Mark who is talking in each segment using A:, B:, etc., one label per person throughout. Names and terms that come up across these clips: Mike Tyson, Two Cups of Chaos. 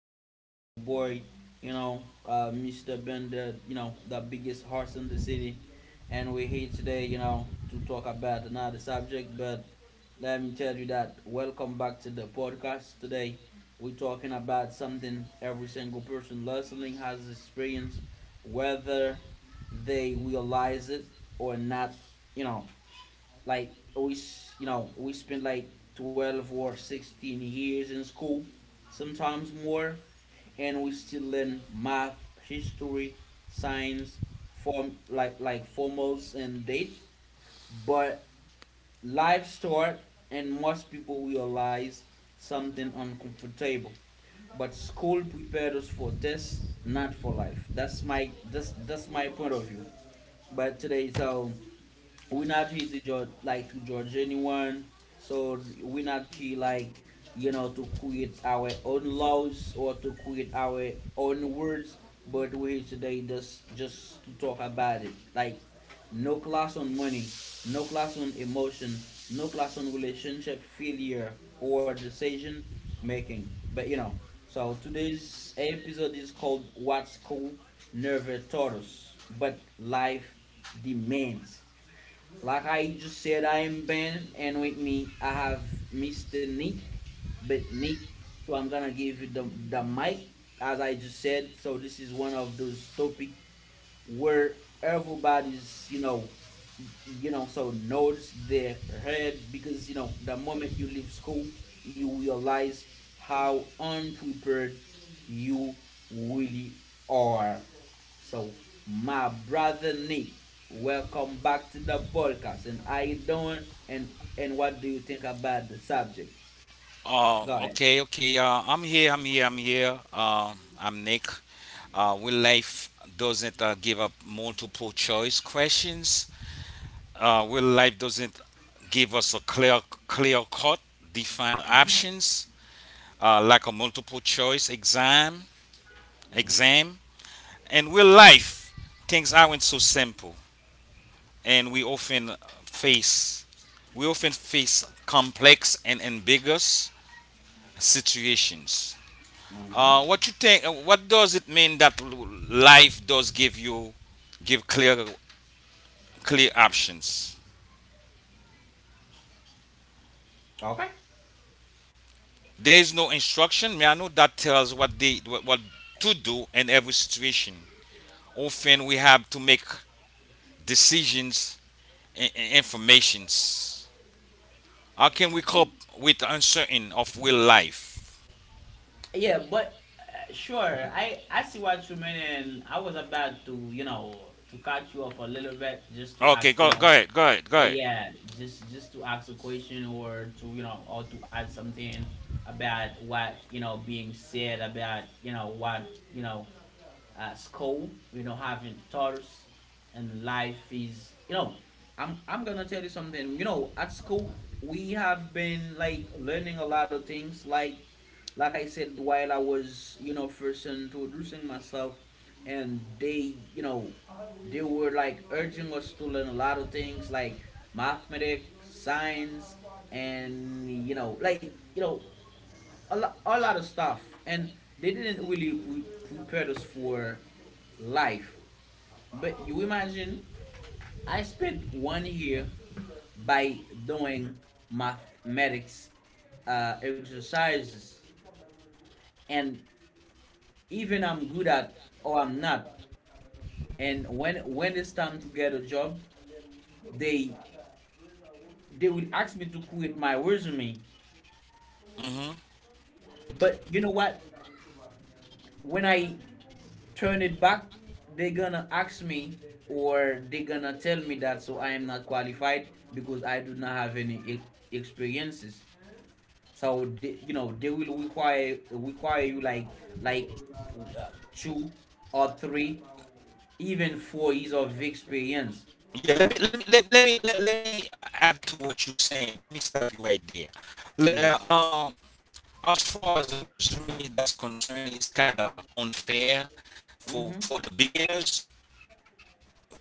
A: of noise. Your boy, Mr. Bender, the biggest horse in the city, and we're here today, to talk about another subject. But let me tell you that welcome back to the podcast. Today, we're talking about something every single person listening has experienced, whether they realize it or not. You know, like we you know we spend like 12 or 16 years in school, sometimes more, and we still learn math, history, science, form like formals and dates. But life start, and most people realize something uncomfortable. But school prepared us for tests, not for life. That's my point of view. But today, so we're not here to judge, like to judge anyone. So we're not here, like, to create our own laws or to create our own words. But we're here today just to talk about it, like no class on money, no class on emotion, no class on relationship failure or decision making. But you know so today's episode is called what's cool never taught us but life demands. Like I just said, I am Ben, and with me I have Mr. Nick. But Nick, so I'm gonna give you the mic, as I just said. So this is one of those topics where everybody's, so, nods their head because the moment you leave school, you realize how unprepared you really are. So my brother Nick, welcome back to the podcast, and how you doing, and what do you think about the subject?
B: Uh,
A: Go ahead.
B: okay, okay. Uh, I'm here. I'm Nick. Will life doesn't give up multiple choice questions. Will life doesn't give us a clear cut defined options like a multiple choice exam,
A: Hmm.
B: exam. And will life things aren't so simple, and face we often face complex and ambiguous situations.
A: Hmm.
B: What you think? What does it mean that life does give you give clear options?
A: Okay.
B: There is no instruction manual that tells what to do in every situation. Often we have to make decisions and informations. How can we cope with uncertain of real life?
A: Yeah, but sure, I see what you mean, and I was about to, to cut you off a little bit, just to
B: Okay,
A: ask,
B: go go ahead, go ahead.
A: yeah, just to ask a question or to, or to add something about what being said, about you know what you know school, having titles, and life is. I'm gonna tell you something. At school we have been like learning a lot of things. Like I said while I was, first introducing myself, and they you know they were like urging us to learn a lot of things like mathematics, science, and, a lot of stuff, and they didn't really prepare us for life. But you imagine, I spent one year by doing mathematics exercises, and even I'm good at or I'm not. And when it's time to get a job, they they will ask me to create my resume.
B: Hmm
A: But you know what? When I turn it back, they're gonna ask me or they're gonna tell me that so I am not qualified because I do not have any experiences. So they will require you like uh, 2 or 3, even 4 years of experience.
B: Yeah, let me let me let, let me let, let me add to what you're saying. Let me stop you right there. Le- uh,
A: Yes.
B: um, as far as a resume that's concerned, it's kind of unfair for
A: Mm-hmm.
B: the beginners,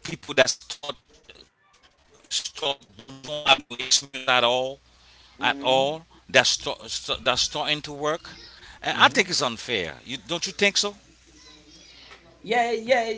B: people that start don't have no experience at all at
A: Mm-hmm.
B: all that starting to work. And I
A: Mm-hmm.
B: think it's unfair. You don't you think so?
A: Yeah, yeah,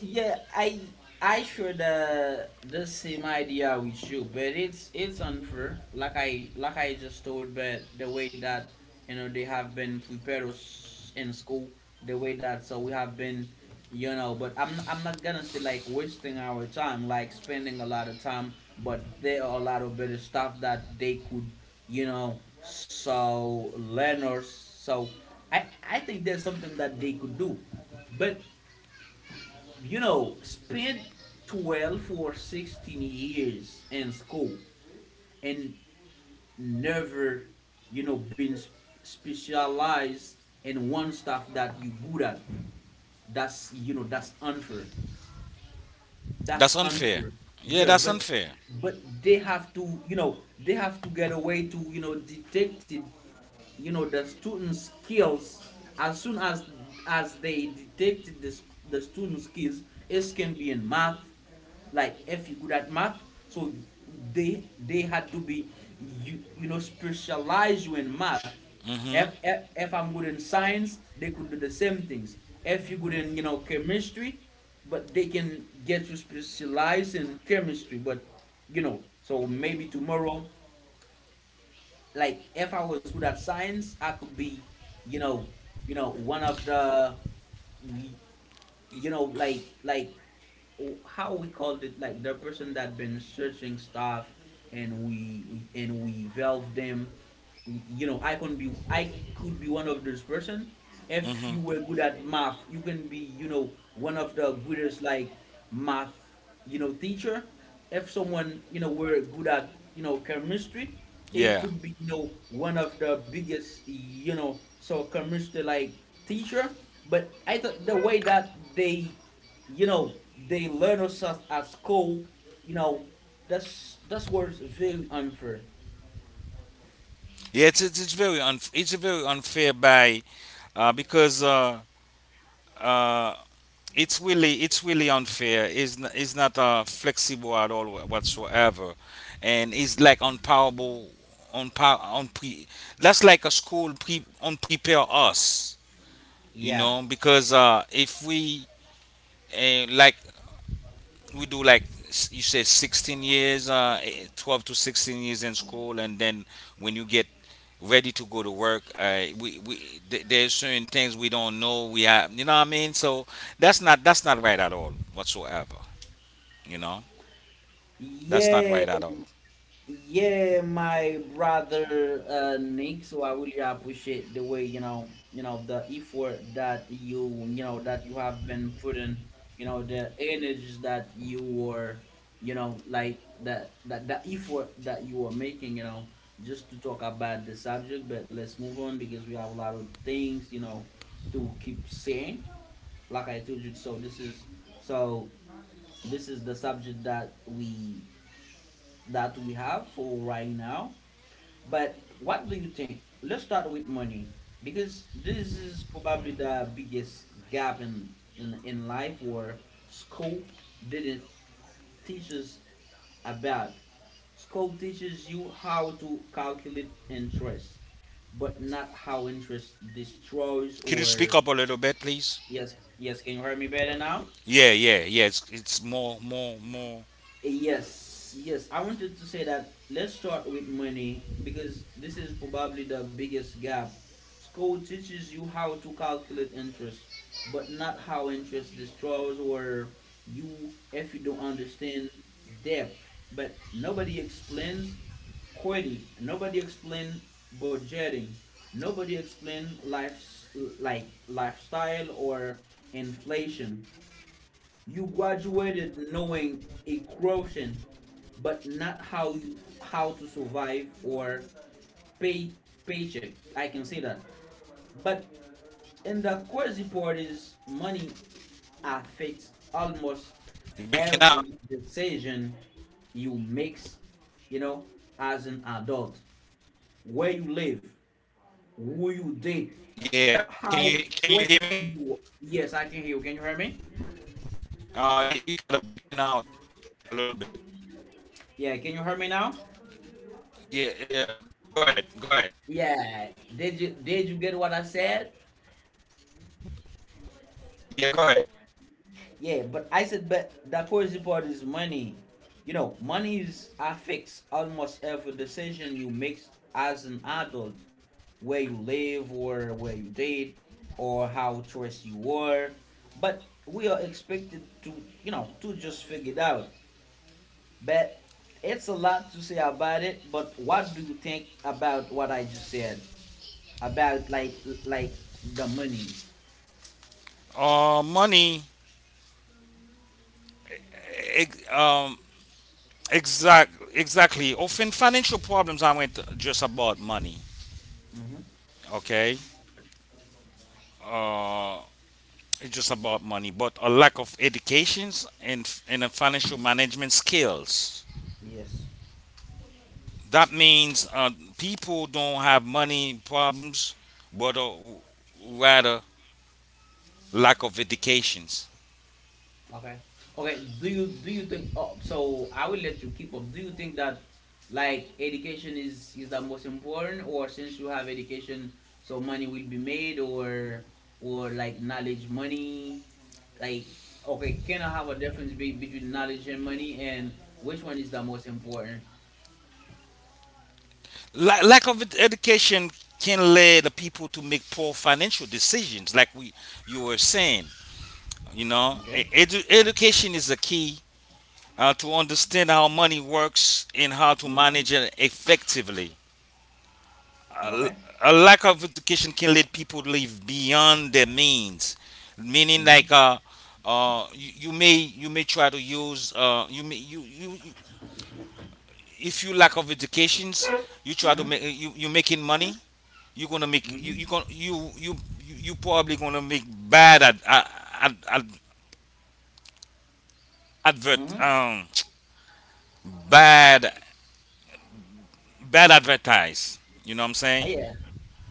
A: yeah. I should the same idea with you, but it's unfair. Like I just told, but the way that, they have been prepared us in school, the way that so we have been. But I'm not gonna stay like wasting our time, like spending a lot of time. But there are a lot of better stuff that they could, so learners. So I think there's something that they could do, but, spent 12 or 16 years in school and never, been specialized in one stuff that you good at. That's unfair. That's
B: That's unfair.
A: unfair.
B: Yeah,
A: Yeah,
B: that's
A: but
B: unfair.
A: but they have to, they have to get a way to, detect it, the student skills, as soon as they detected this the student skills. It can be in math. Like if you're good at math, so they had to be, specialize you in math. if,
B: Mhm.
A: if, if I'm good in science, they could do the same things. If you're good in, chemistry, but they can get you specialized in chemistry. But, so maybe tomorrow, like if I was good at science, I could be, you know, one of the, you know, like like oh, how we called it, like the person that been searching stuff, and we valve them. I could be one of those person. If
B: Mhm.
A: you were good at math, you can be, one of the greatest, like math, teacher. If someone, were good at, chemistry, it
B: Yeah.
A: could be, one of the biggest, so chemistry like teacher. But I thought the way that they you know they learn us at school, you know that's what's very unfair.
B: Yeah, it's very unfair by because uh, it's really, it's really unfair. It's not flexible at all whatsoever, and it's like unpowerable, unpre. That's like a school pre unprepare us, you
A: Yeah,
B: know, because if we, uh, like we do like you said 16 years 12 to 16 years in school, and then when you get ready to go to work. There's certain things we don't know. We have, you know what I mean. So that's not right at all whatsoever. You know, that's not
A: yeah.
B: right at all.
A: Yeah, my brother Nick. So I really appreciate the way, the effort that you, that you have been putting, the energies that you were, like that, that the effort that you were making, just to talk about the subject. But let's move on because we have a lot of things, to keep saying. Like I told you, so so this is the subject that we have for right now. But what do you think? Let's start with money because this is probably the biggest gap in life where school didn't teach us about. School teaches you how to calculate interest, but not how interest destroys
B: Could you speak
A: or
B: up a little bit, please?
A: yes, yes, can you hear me better now?
B: Yeah, yeah, yeah. It's it's more.
A: Yes, yes. I wanted to say that let's start with money because this is probably the biggest gap. School teaches you how to calculate interest, but not how interest destroys or you if you don't understand debt. But nobody explains quitting. Nobody explain budgeting. Nobody explain life's like lifestyle or inflation. You graduated knowing a equation, but not how to survive or pay paycheck. I can say that. But in the course report is money affects almost
B: You're breaking out.
A: every decision you make, you know, as an adult. Where you live, who you date,
B: Yeah. Can you
A: how
B: he- can you
A: trained
B: hear me?
A: you Yes, I can hear you. Can you hear me?
B: You, you kind of breaking out a little bit.
A: Yeah, can you hear me now?
B: Yeah, yeah. Go ahead, go ahead.
A: Yeah. Did you get what I said?
B: Yeah, go ahead.
A: Yeah, but I said, but the crazy part is money. You know, money is affects almost every decision you make as an adult, where you live or where you date, or how dressed you are. But we are expected to, to just figure it out. But it's a lot to say about it. But what do you think about what I just said about the money?
B: Money. eh, eh, Um, Exactly. Exactly. Often financial problems aren't just about money.
A: Mm-hmm.
B: Okay. Uh, it's just about money, but a lack of educations and a financial management skills.
A: Yes.
B: That means people don't have money problems, but rather lack of educations.
A: Okay. Okay. Do you think? Oh, so I will let you keep up. Do you think that like education is the most important, or since you have education, so money will be made, or like knowledge, money, like okay, can I have a difference between knowledge and money, and which one is the most important?
B: Lack of education can lead the people to make poor financial decisions, like we you were saying. You know,
A: Okay.
B: education is the key to understand how money works and how to
A: Mhm.
B: manage it effectively. A,
A: Okay.
B: a lack of education can let people live beyond their means, meaning
A: Mhm.
B: like you may try to use, you may you, you you- if you lack of educations, you try to
A: Mhm.
B: make you making money. You're gonna make you
A: Mhm.
B: you gonna you you you you probably gonna make bad ad, ad, ad, ad- advert
A: Mhm.
B: bad bad advertise. You know what I'm saying?
A: Yeah,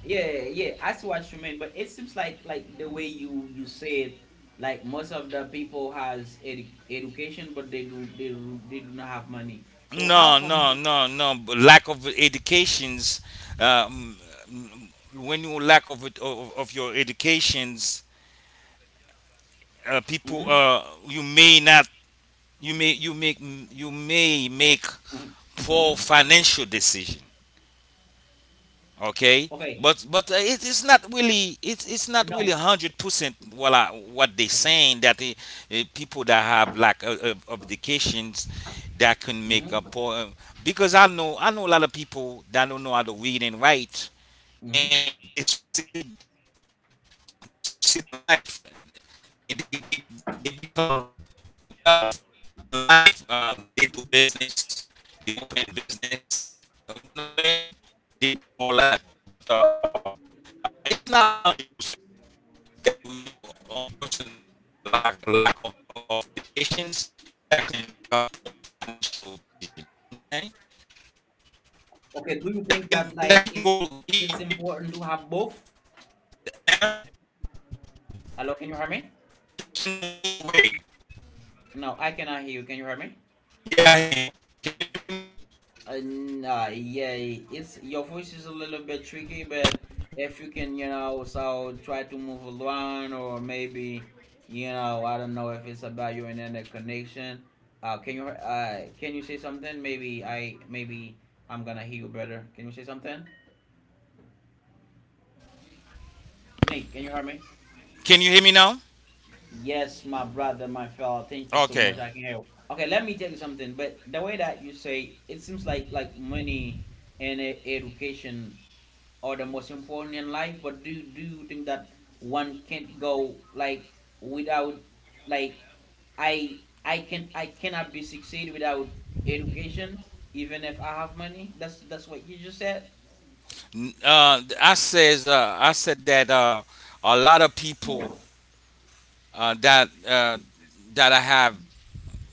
A: yeah, yeah, I see what you mean, but it seems the way you say it, like most of the people has education, but they do not have money. So how
B: No,
A: come
B: no,
A: you
B: no, no. Lack of educations. Um, when you lack of it, of your educations, people,
A: mm-hmm,
B: you may not, you may make
A: mm-hmm, mm-hmm.
B: poor financial decision. Okay,
A: Okay.
B: but it's not really, it's not really
A: No.
B: 100% what I, what they
A: Okay.
B: saying that the, people that have lack of educations that can make a
A: Mm-hmm,
B: poor, because I know a lot of people that don't know how to read and write,
A: mm-hmm.
B: and they succeed in life, and they become wealth in life. They do business, they open business. You know what I mean, they do all that. But uh, it's not 100% that you a person that have a lack of educations that can make a poor financial decision, you know what I'm saying?
A: Okay, do you think
B: That
A: that
B: can,
A: like
B: that can
A: it's
B: go
A: it's
B: either way.
A: important to have both?
B: Yeah,
A: Hello, can you hear me?
B: that can go either way.
A: No, I cannot hear you. Can you hear me?
B: Yeah, I hear you. Can you hear me now?
A: Nah, yeah, it's your voice is a little bit tricky, but if you can, so try to move along, or maybe, I don't know if it's about your internet connection. Can you say something? Maybe I'm gonna hear you better. Can you say something?
B: Can you hear me now?
A: Nick, can you hear me?
B: Can you hear me now?
A: Yes, my brother, my fellow. Thank you so much. I can
B: Okay.
A: hear you. Okay, let me tell you something. But the way that you say, it seems money and education or the most important in life. But do you think that one can't go like without, like I I can I cannot be succeed without education even if I have money. That's what you just said.
B: I said that a lot of people, uh, that uh, that I have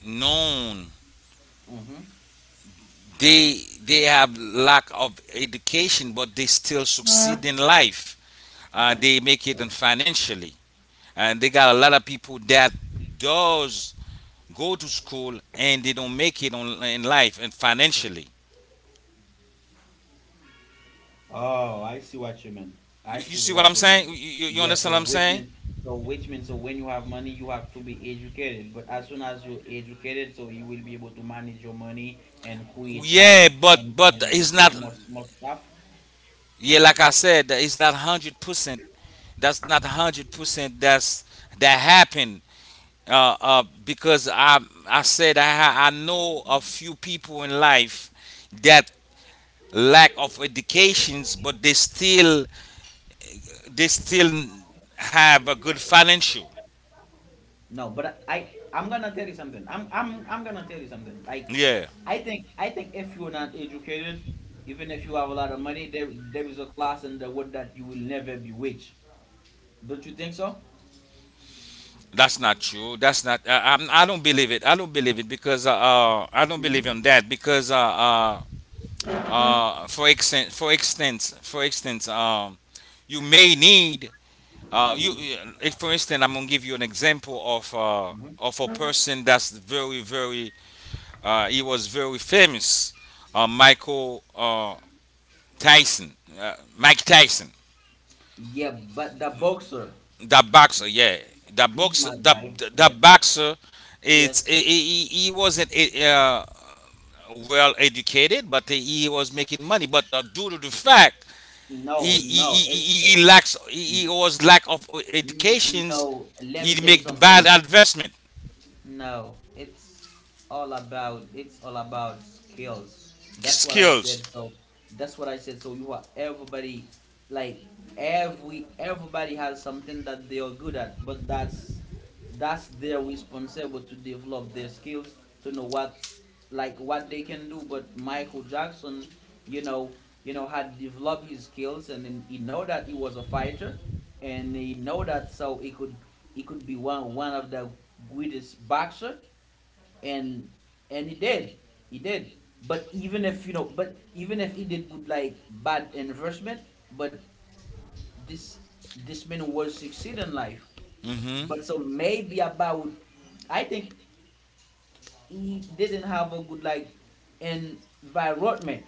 B: known,
A: Mm-hmm.
B: they have lack of education, but they still succeed in life. They make it and financially, and they got a lot of people that does go to school and they don't make it in life and financially.
A: Oh, I see what you mean. I
B: You
A: see
B: see what
A: what
B: I'm
A: you mean.
B: saying? You
A: Yeah,
B: understand what I'm saying?
A: so which means, so when you have money you have to be educated, but as soon as you're educated, so you will be able to manage your money and create,
B: Yeah,
A: like, and,
B: but
A: and
B: it's
A: create
B: not.
A: more stuff.
B: Yeah, like I said, that it's not 100%. That's not 100%. That happened. Because I said I ha- I know a few people in life that lack of educations, but they still have a good financial.
A: No, but I'm gonna tell you something. I'm gonna tell you something. Like,
B: Yeah,
A: I think if you're not educated, even if you have a lot of money, there is a class in the world that you will never be rich. Don't you think so?
B: that's not true. That's not. I do not believe it. I don't believe it, because I don't believe
A: Mhm.
B: in that, because for extent for instance you may need, you for instance, I'm gonna give you an example
A: Mhm.
B: of a person that's very, very, he was very famous, michael tyson Mike Tyson.
A: Yeah, but the boxer,
B: That boxer, yeah. that
A: he's
B: boxer
A: my
B: that
A: guy. Yeah.
B: that boxer it's he,
A: Yes.
B: he wasn't well educated, but he was making money, but due to the fact
A: No, no.
B: he was lack of
A: No.
B: educations,
A: Let me
B: he
A: tell you
B: make bad
A: something.
B: investment
A: No, it's all about skills. That's what I
B: skills.
A: said. So that's what I said. So you are everybody, like, everybody has something that they are good at, but that's their responsible to develop their skills to know what, like, what they can do. But Michael Jackson, you know, had developed his skills, and then he know that he was a fighter, and he know that, so he could, be one of the greatest boxer, and he did, he did. But even if, he did good, like, bad investment, but this this man was succeed in life.
B: Hmm
A: But so, maybe about, I think he didn't have a good, like, environment,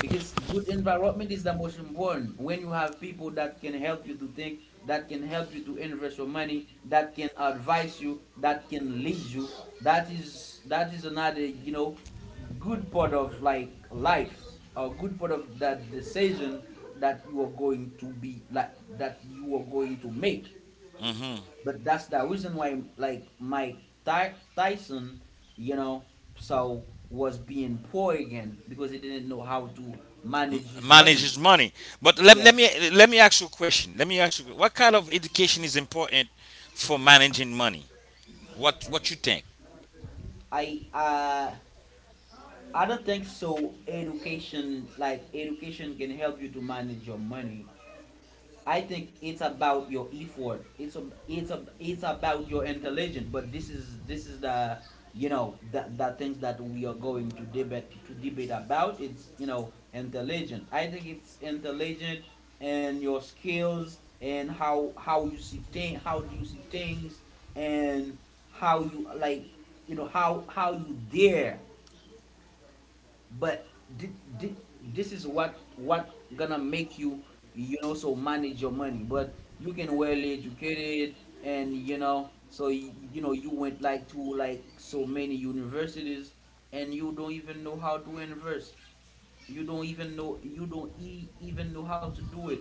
A: because good environment is the most important when you have people that can help you to think, that can help you to invest your money, that can advise you, that can lead you, that is another, good part of, like, life, a good part of that decision that you are going to make.
B: hmm
A: But that's the reason why, like, Mike Tyson, you know, so was being poor again, because he didn't know how to manage his money.
B: manages money. But let,
A: Yeah,
B: let me let me ask you a question. Let me ask you, what kind of education is important for managing money? What you think?
A: I uh, I don't think so. Education, like, education can help you to manage your money. I think it's about your effort. It's about your intelligence. But this is the, the things that we are going to debate about. It's, intelligent. I think it's intelligent and your skills, and how you see things, how do you see things, and how you, like, how you dare, but thi- thi- this is what gonna make you, you know so manage your money. But you can well educated, and, you went, like, to, like, so many universities, and you don't even know how to invest, you don't even know, you don't even know how to do it,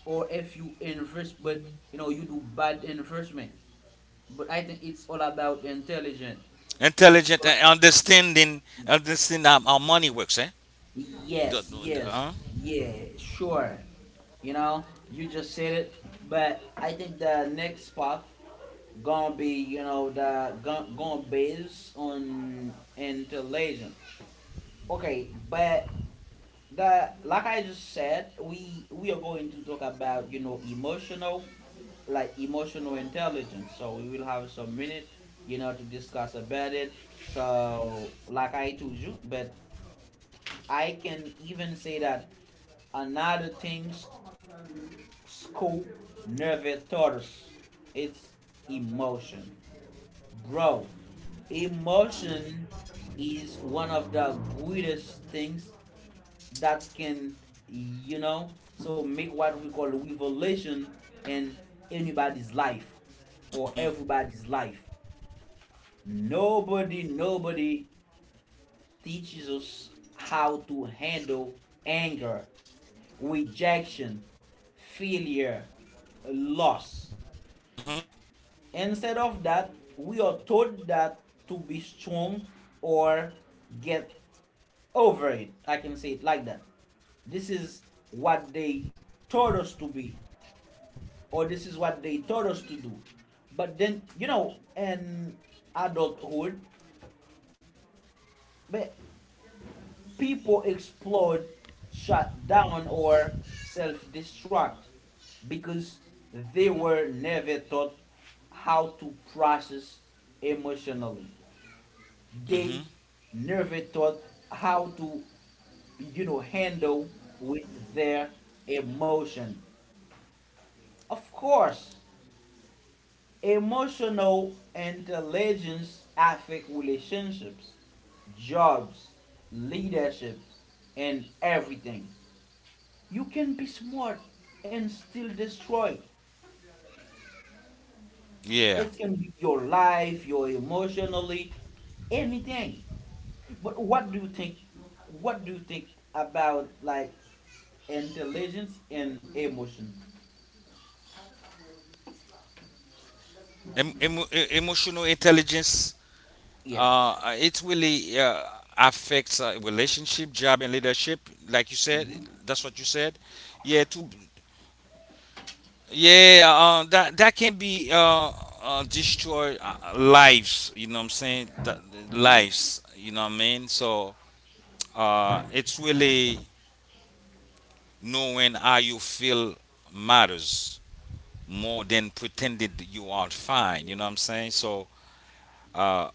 A: or if you invest, but, you do bad investment. But I think it's all about intelligence. It's
B: Intelligent
A: all
B: and understanding, understanding how money works, eh,
A: Yes,
B: the,
A: yes,
B: huh?
A: yeah, sure. You know, you just said it, but I think the next path gonna be, you know, the gon- gonna base on intelligence. Okay, but, the, like I just said, we are going to talk about, emotional, like, emotional intelligence. So we will have some minute, to discuss about it. So, like I told you, but I can even say that another thing's scope, nerve, torus. It's emotion. Bro, emotion is one of the greatest things that can, make what we call a revelation in anybody's life or
B: hmm
A: everybody's life. Nobody, nobody teaches us how to handle anger, rejection, failure, loss.
B: hmm
A: Instead of that, we are told that to be strong or get over it. I can say it like that. This is what they taught us to be, or this is what they taught us to do. But then, in adulthood, but people explode, shut down, or self destruct because they were never taught how to process emotionally.
B: hmm
A: They never taught how to, handle with their emotion. Of course, emotional intelligence affects relationships, jobs, leaderships, and everything. You can be smart and still destroy.
B: yeah.
A: It can be your life, your emotionally, anything. But what do you think? What do you think about, like, intelligence and emotion?
B: Emotional intelligence,
A: Yes.
B: it really affects relationship, job, and leadership. Like you said, that's what you said. Yeah, to yeah, that that can be destroy lives. You know what I'm saying? That,
A: Mm-hmm.
B: lives. You know what I mean? So it's really knowing how you feel matters more than pretended that you are fine. You know what I'm saying? So uh,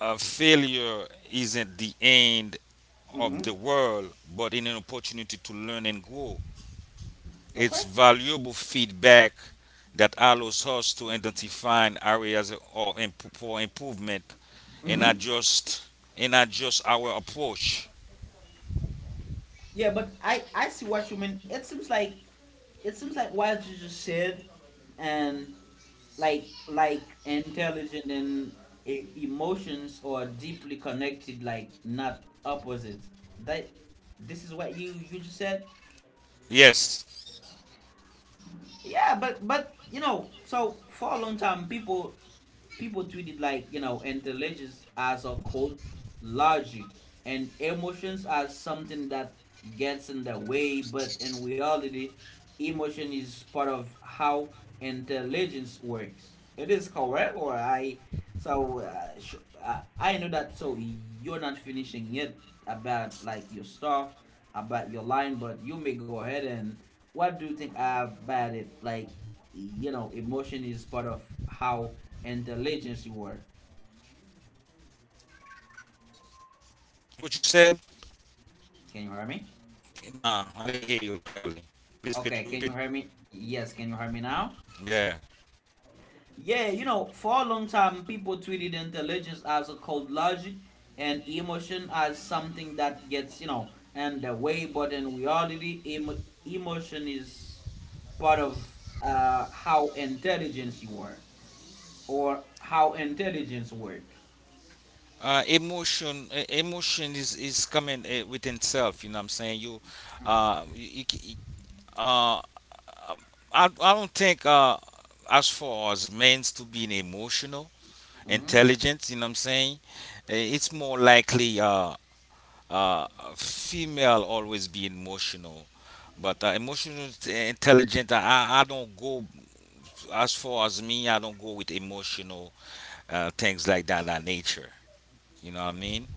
B: failure isn't the end of
A: Mm-hmm.
B: the world, but in an opportunity to learn and grow.
A: Okay.
B: It's valuable feedback that allows us to identify areas of for improvement and
A: Mm-hmm.
B: adjust our approach.
A: Yeah, but I see what you mean. It seems like what you just said, and, like, intelligent and emotions are deeply connected, like, not opposites. That, this is what you just said.
B: Yes,
A: Yeah, but so, for a long time, people treated, like, intelligence as a cold logic, and emotions as something that gets in the way. But in reality, emotion is part of how intelligence works. It is correct. Or, I know that. So you're not finishing yet about, like, your stuff, about your line, but you may go ahead, and what do you think about it? Like, emotion is part of how intelligence you are.
B: what you said?
A: Can you hear me?
B: No, I didn't hear you clearly. Please, could
A: Okay,
B: you
A: can you hear
B: repeat?
A: me? Yes, can you hear me now?
B: Yeah.
A: Yeah, for a long time, people treated intelligence as a cold logic, and emotion as something that gets, in the way. But in reality, emotion is part of, how intelligence you are, or how intelligence work.
B: Emotion is coming within self. You know, what I'm saying, uh, you, Uh, um, I don't think as far as men's to being emotional,
A: Hmm.
B: intelligent, you know what I'm saying? It's more likely uh, female always be emotional. But emotional intelligent, I don't go as far as me. I don't go with emotional things like that, that nature. You know what I mean?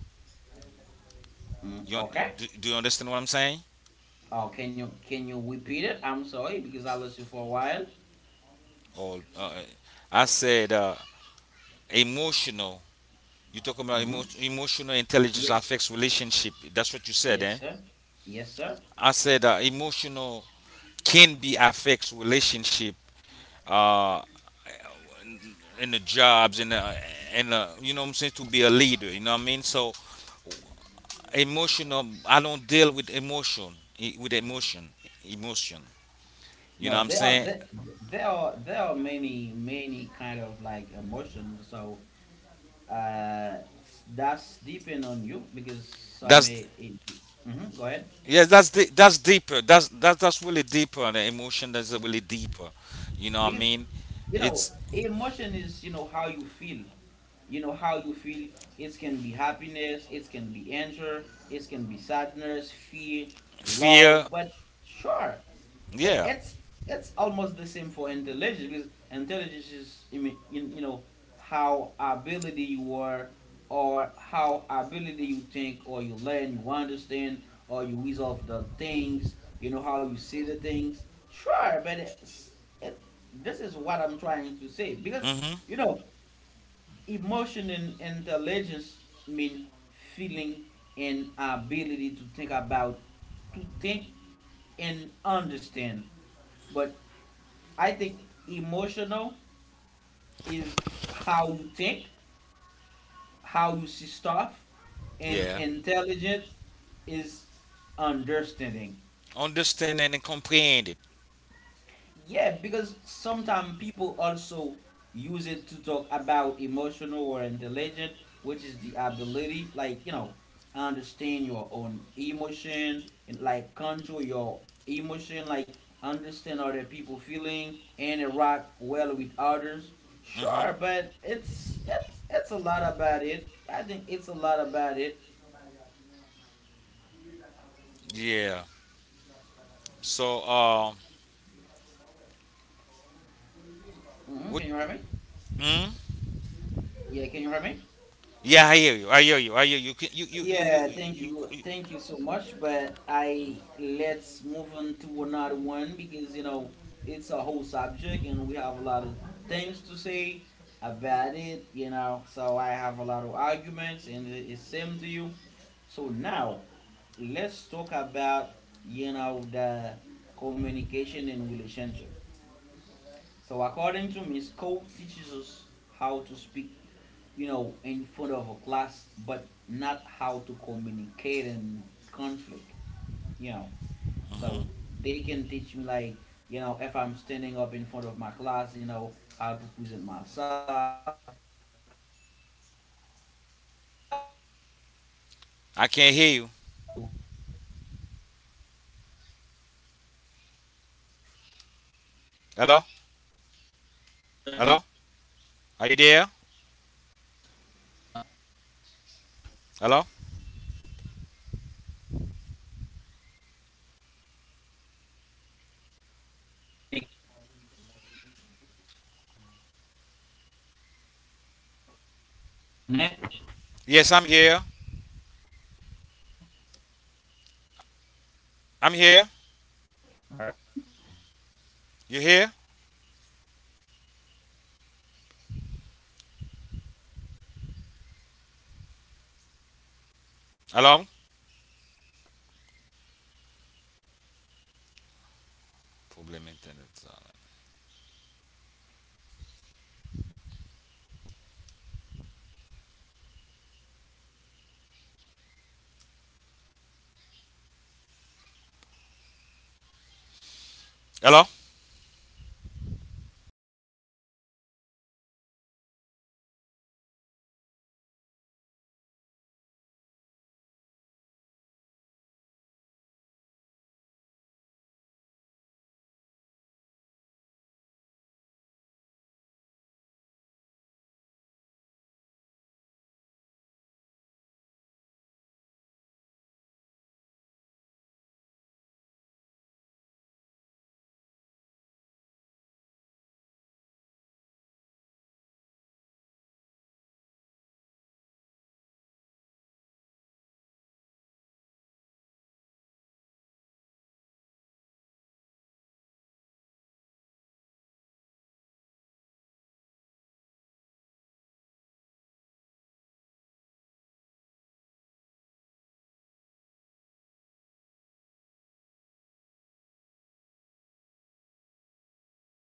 A: Mm,
B: You un-
A: okay.
B: do you understand what I'm saying?
A: Oh, can you repeat it? I'm sorry, because I lost you for a while.
B: Or I said emotional. You talking about
A: Mm-hmm.
B: emotional intelligence
A: Yes.
B: affects relationship. That's what you said,
A: Yes,
B: eh?
A: sir. Yes, sir.
B: I said emotional can be affects relationship. Uh, in the jobs and you know what I'm saying, to be a leader. You know what I mean. So emotional, I don't deal with emotion, emotion. You know
A: No,
B: what I'm
A: there are,
B: saying.
A: many kind of, like, emotions. So, that's depend on you, because some may
B: That's
A: it, Mhm, go ahead,
B: yeah. That's deeper. That's really deeper. The emotion, that's really deeper. You know what I
A: because
B: mean.
A: you know
B: It's
A: emotion is, how you feel. How you feel, it can be happiness, it can be anger, it can be sadness, fear,
B: fear.
A: love. But sure, but
B: Yeah.
A: it's almost the same for intelligence, because intelligence is, I mean, how ability you are, or how ability you think, or you learn, you understand, or you resolve the things, how you see the things. Sure, but it, this is what I'm trying to say, because,
B: Mm-hmm.
A: you know emotion and intelligence mean feeling and ability to think and understand. But I think emotional is how you think, how you see stuff, and
B: Yeah.
A: intelligent is understanding.
B: Understand and comprehend it.
A: Yeah, because sometimes people also use it to talk about emotional or intelligent, which is the ability, like, understand your own emotion, and, like, control your emotion, like, understand other people feeling and interact well with others.
B: Mm-hmm.
A: Sure, but it's a lot about it. I think it's a lot about it.
B: Yeah. So, what?
A: Can you hear me?
B: Mm?
A: Yeah, can you hear me?
B: Yeah, I hear you.
A: Yeah, thank
B: You.
A: you.
B: you
A: Thank you so much. But I let's move on to another one, because it's a whole subject, and we have a lot of things to say about it. So I have a lot of arguments, and it's same to you. So now let's talk about, the communication and relationship. So, according to me, school teaches us how to speak, in front of a class, but not how to communicate in conflict, you know.
B: hmm
A: So they can teach me, like, if I'm standing up in front of my class, how to present myself, how to, how to present, like, a subject, how to talk
B: I
A: about,
B: can't hear you.
A: stop. Can you hear me now? Hello?
B: Hello?
A: Yes, sir. Can you hear
B: Hello?
A: me?
B: Are you there?
A: Yes.
B: Hello?
A: Yes. Can you hear me? Hello? Nick. Nick. Hello, Nick.
B: Yes, I'm here.
A: Can you hear me now?
B: I'm here.
A: Can you hear me?
B: You here?
A: What's going on with the connection? I Is that, no, that's not the connection, I think.
B: Hello?
A: Uda demore.
B: Problem internet. Hello? Problem. Hello?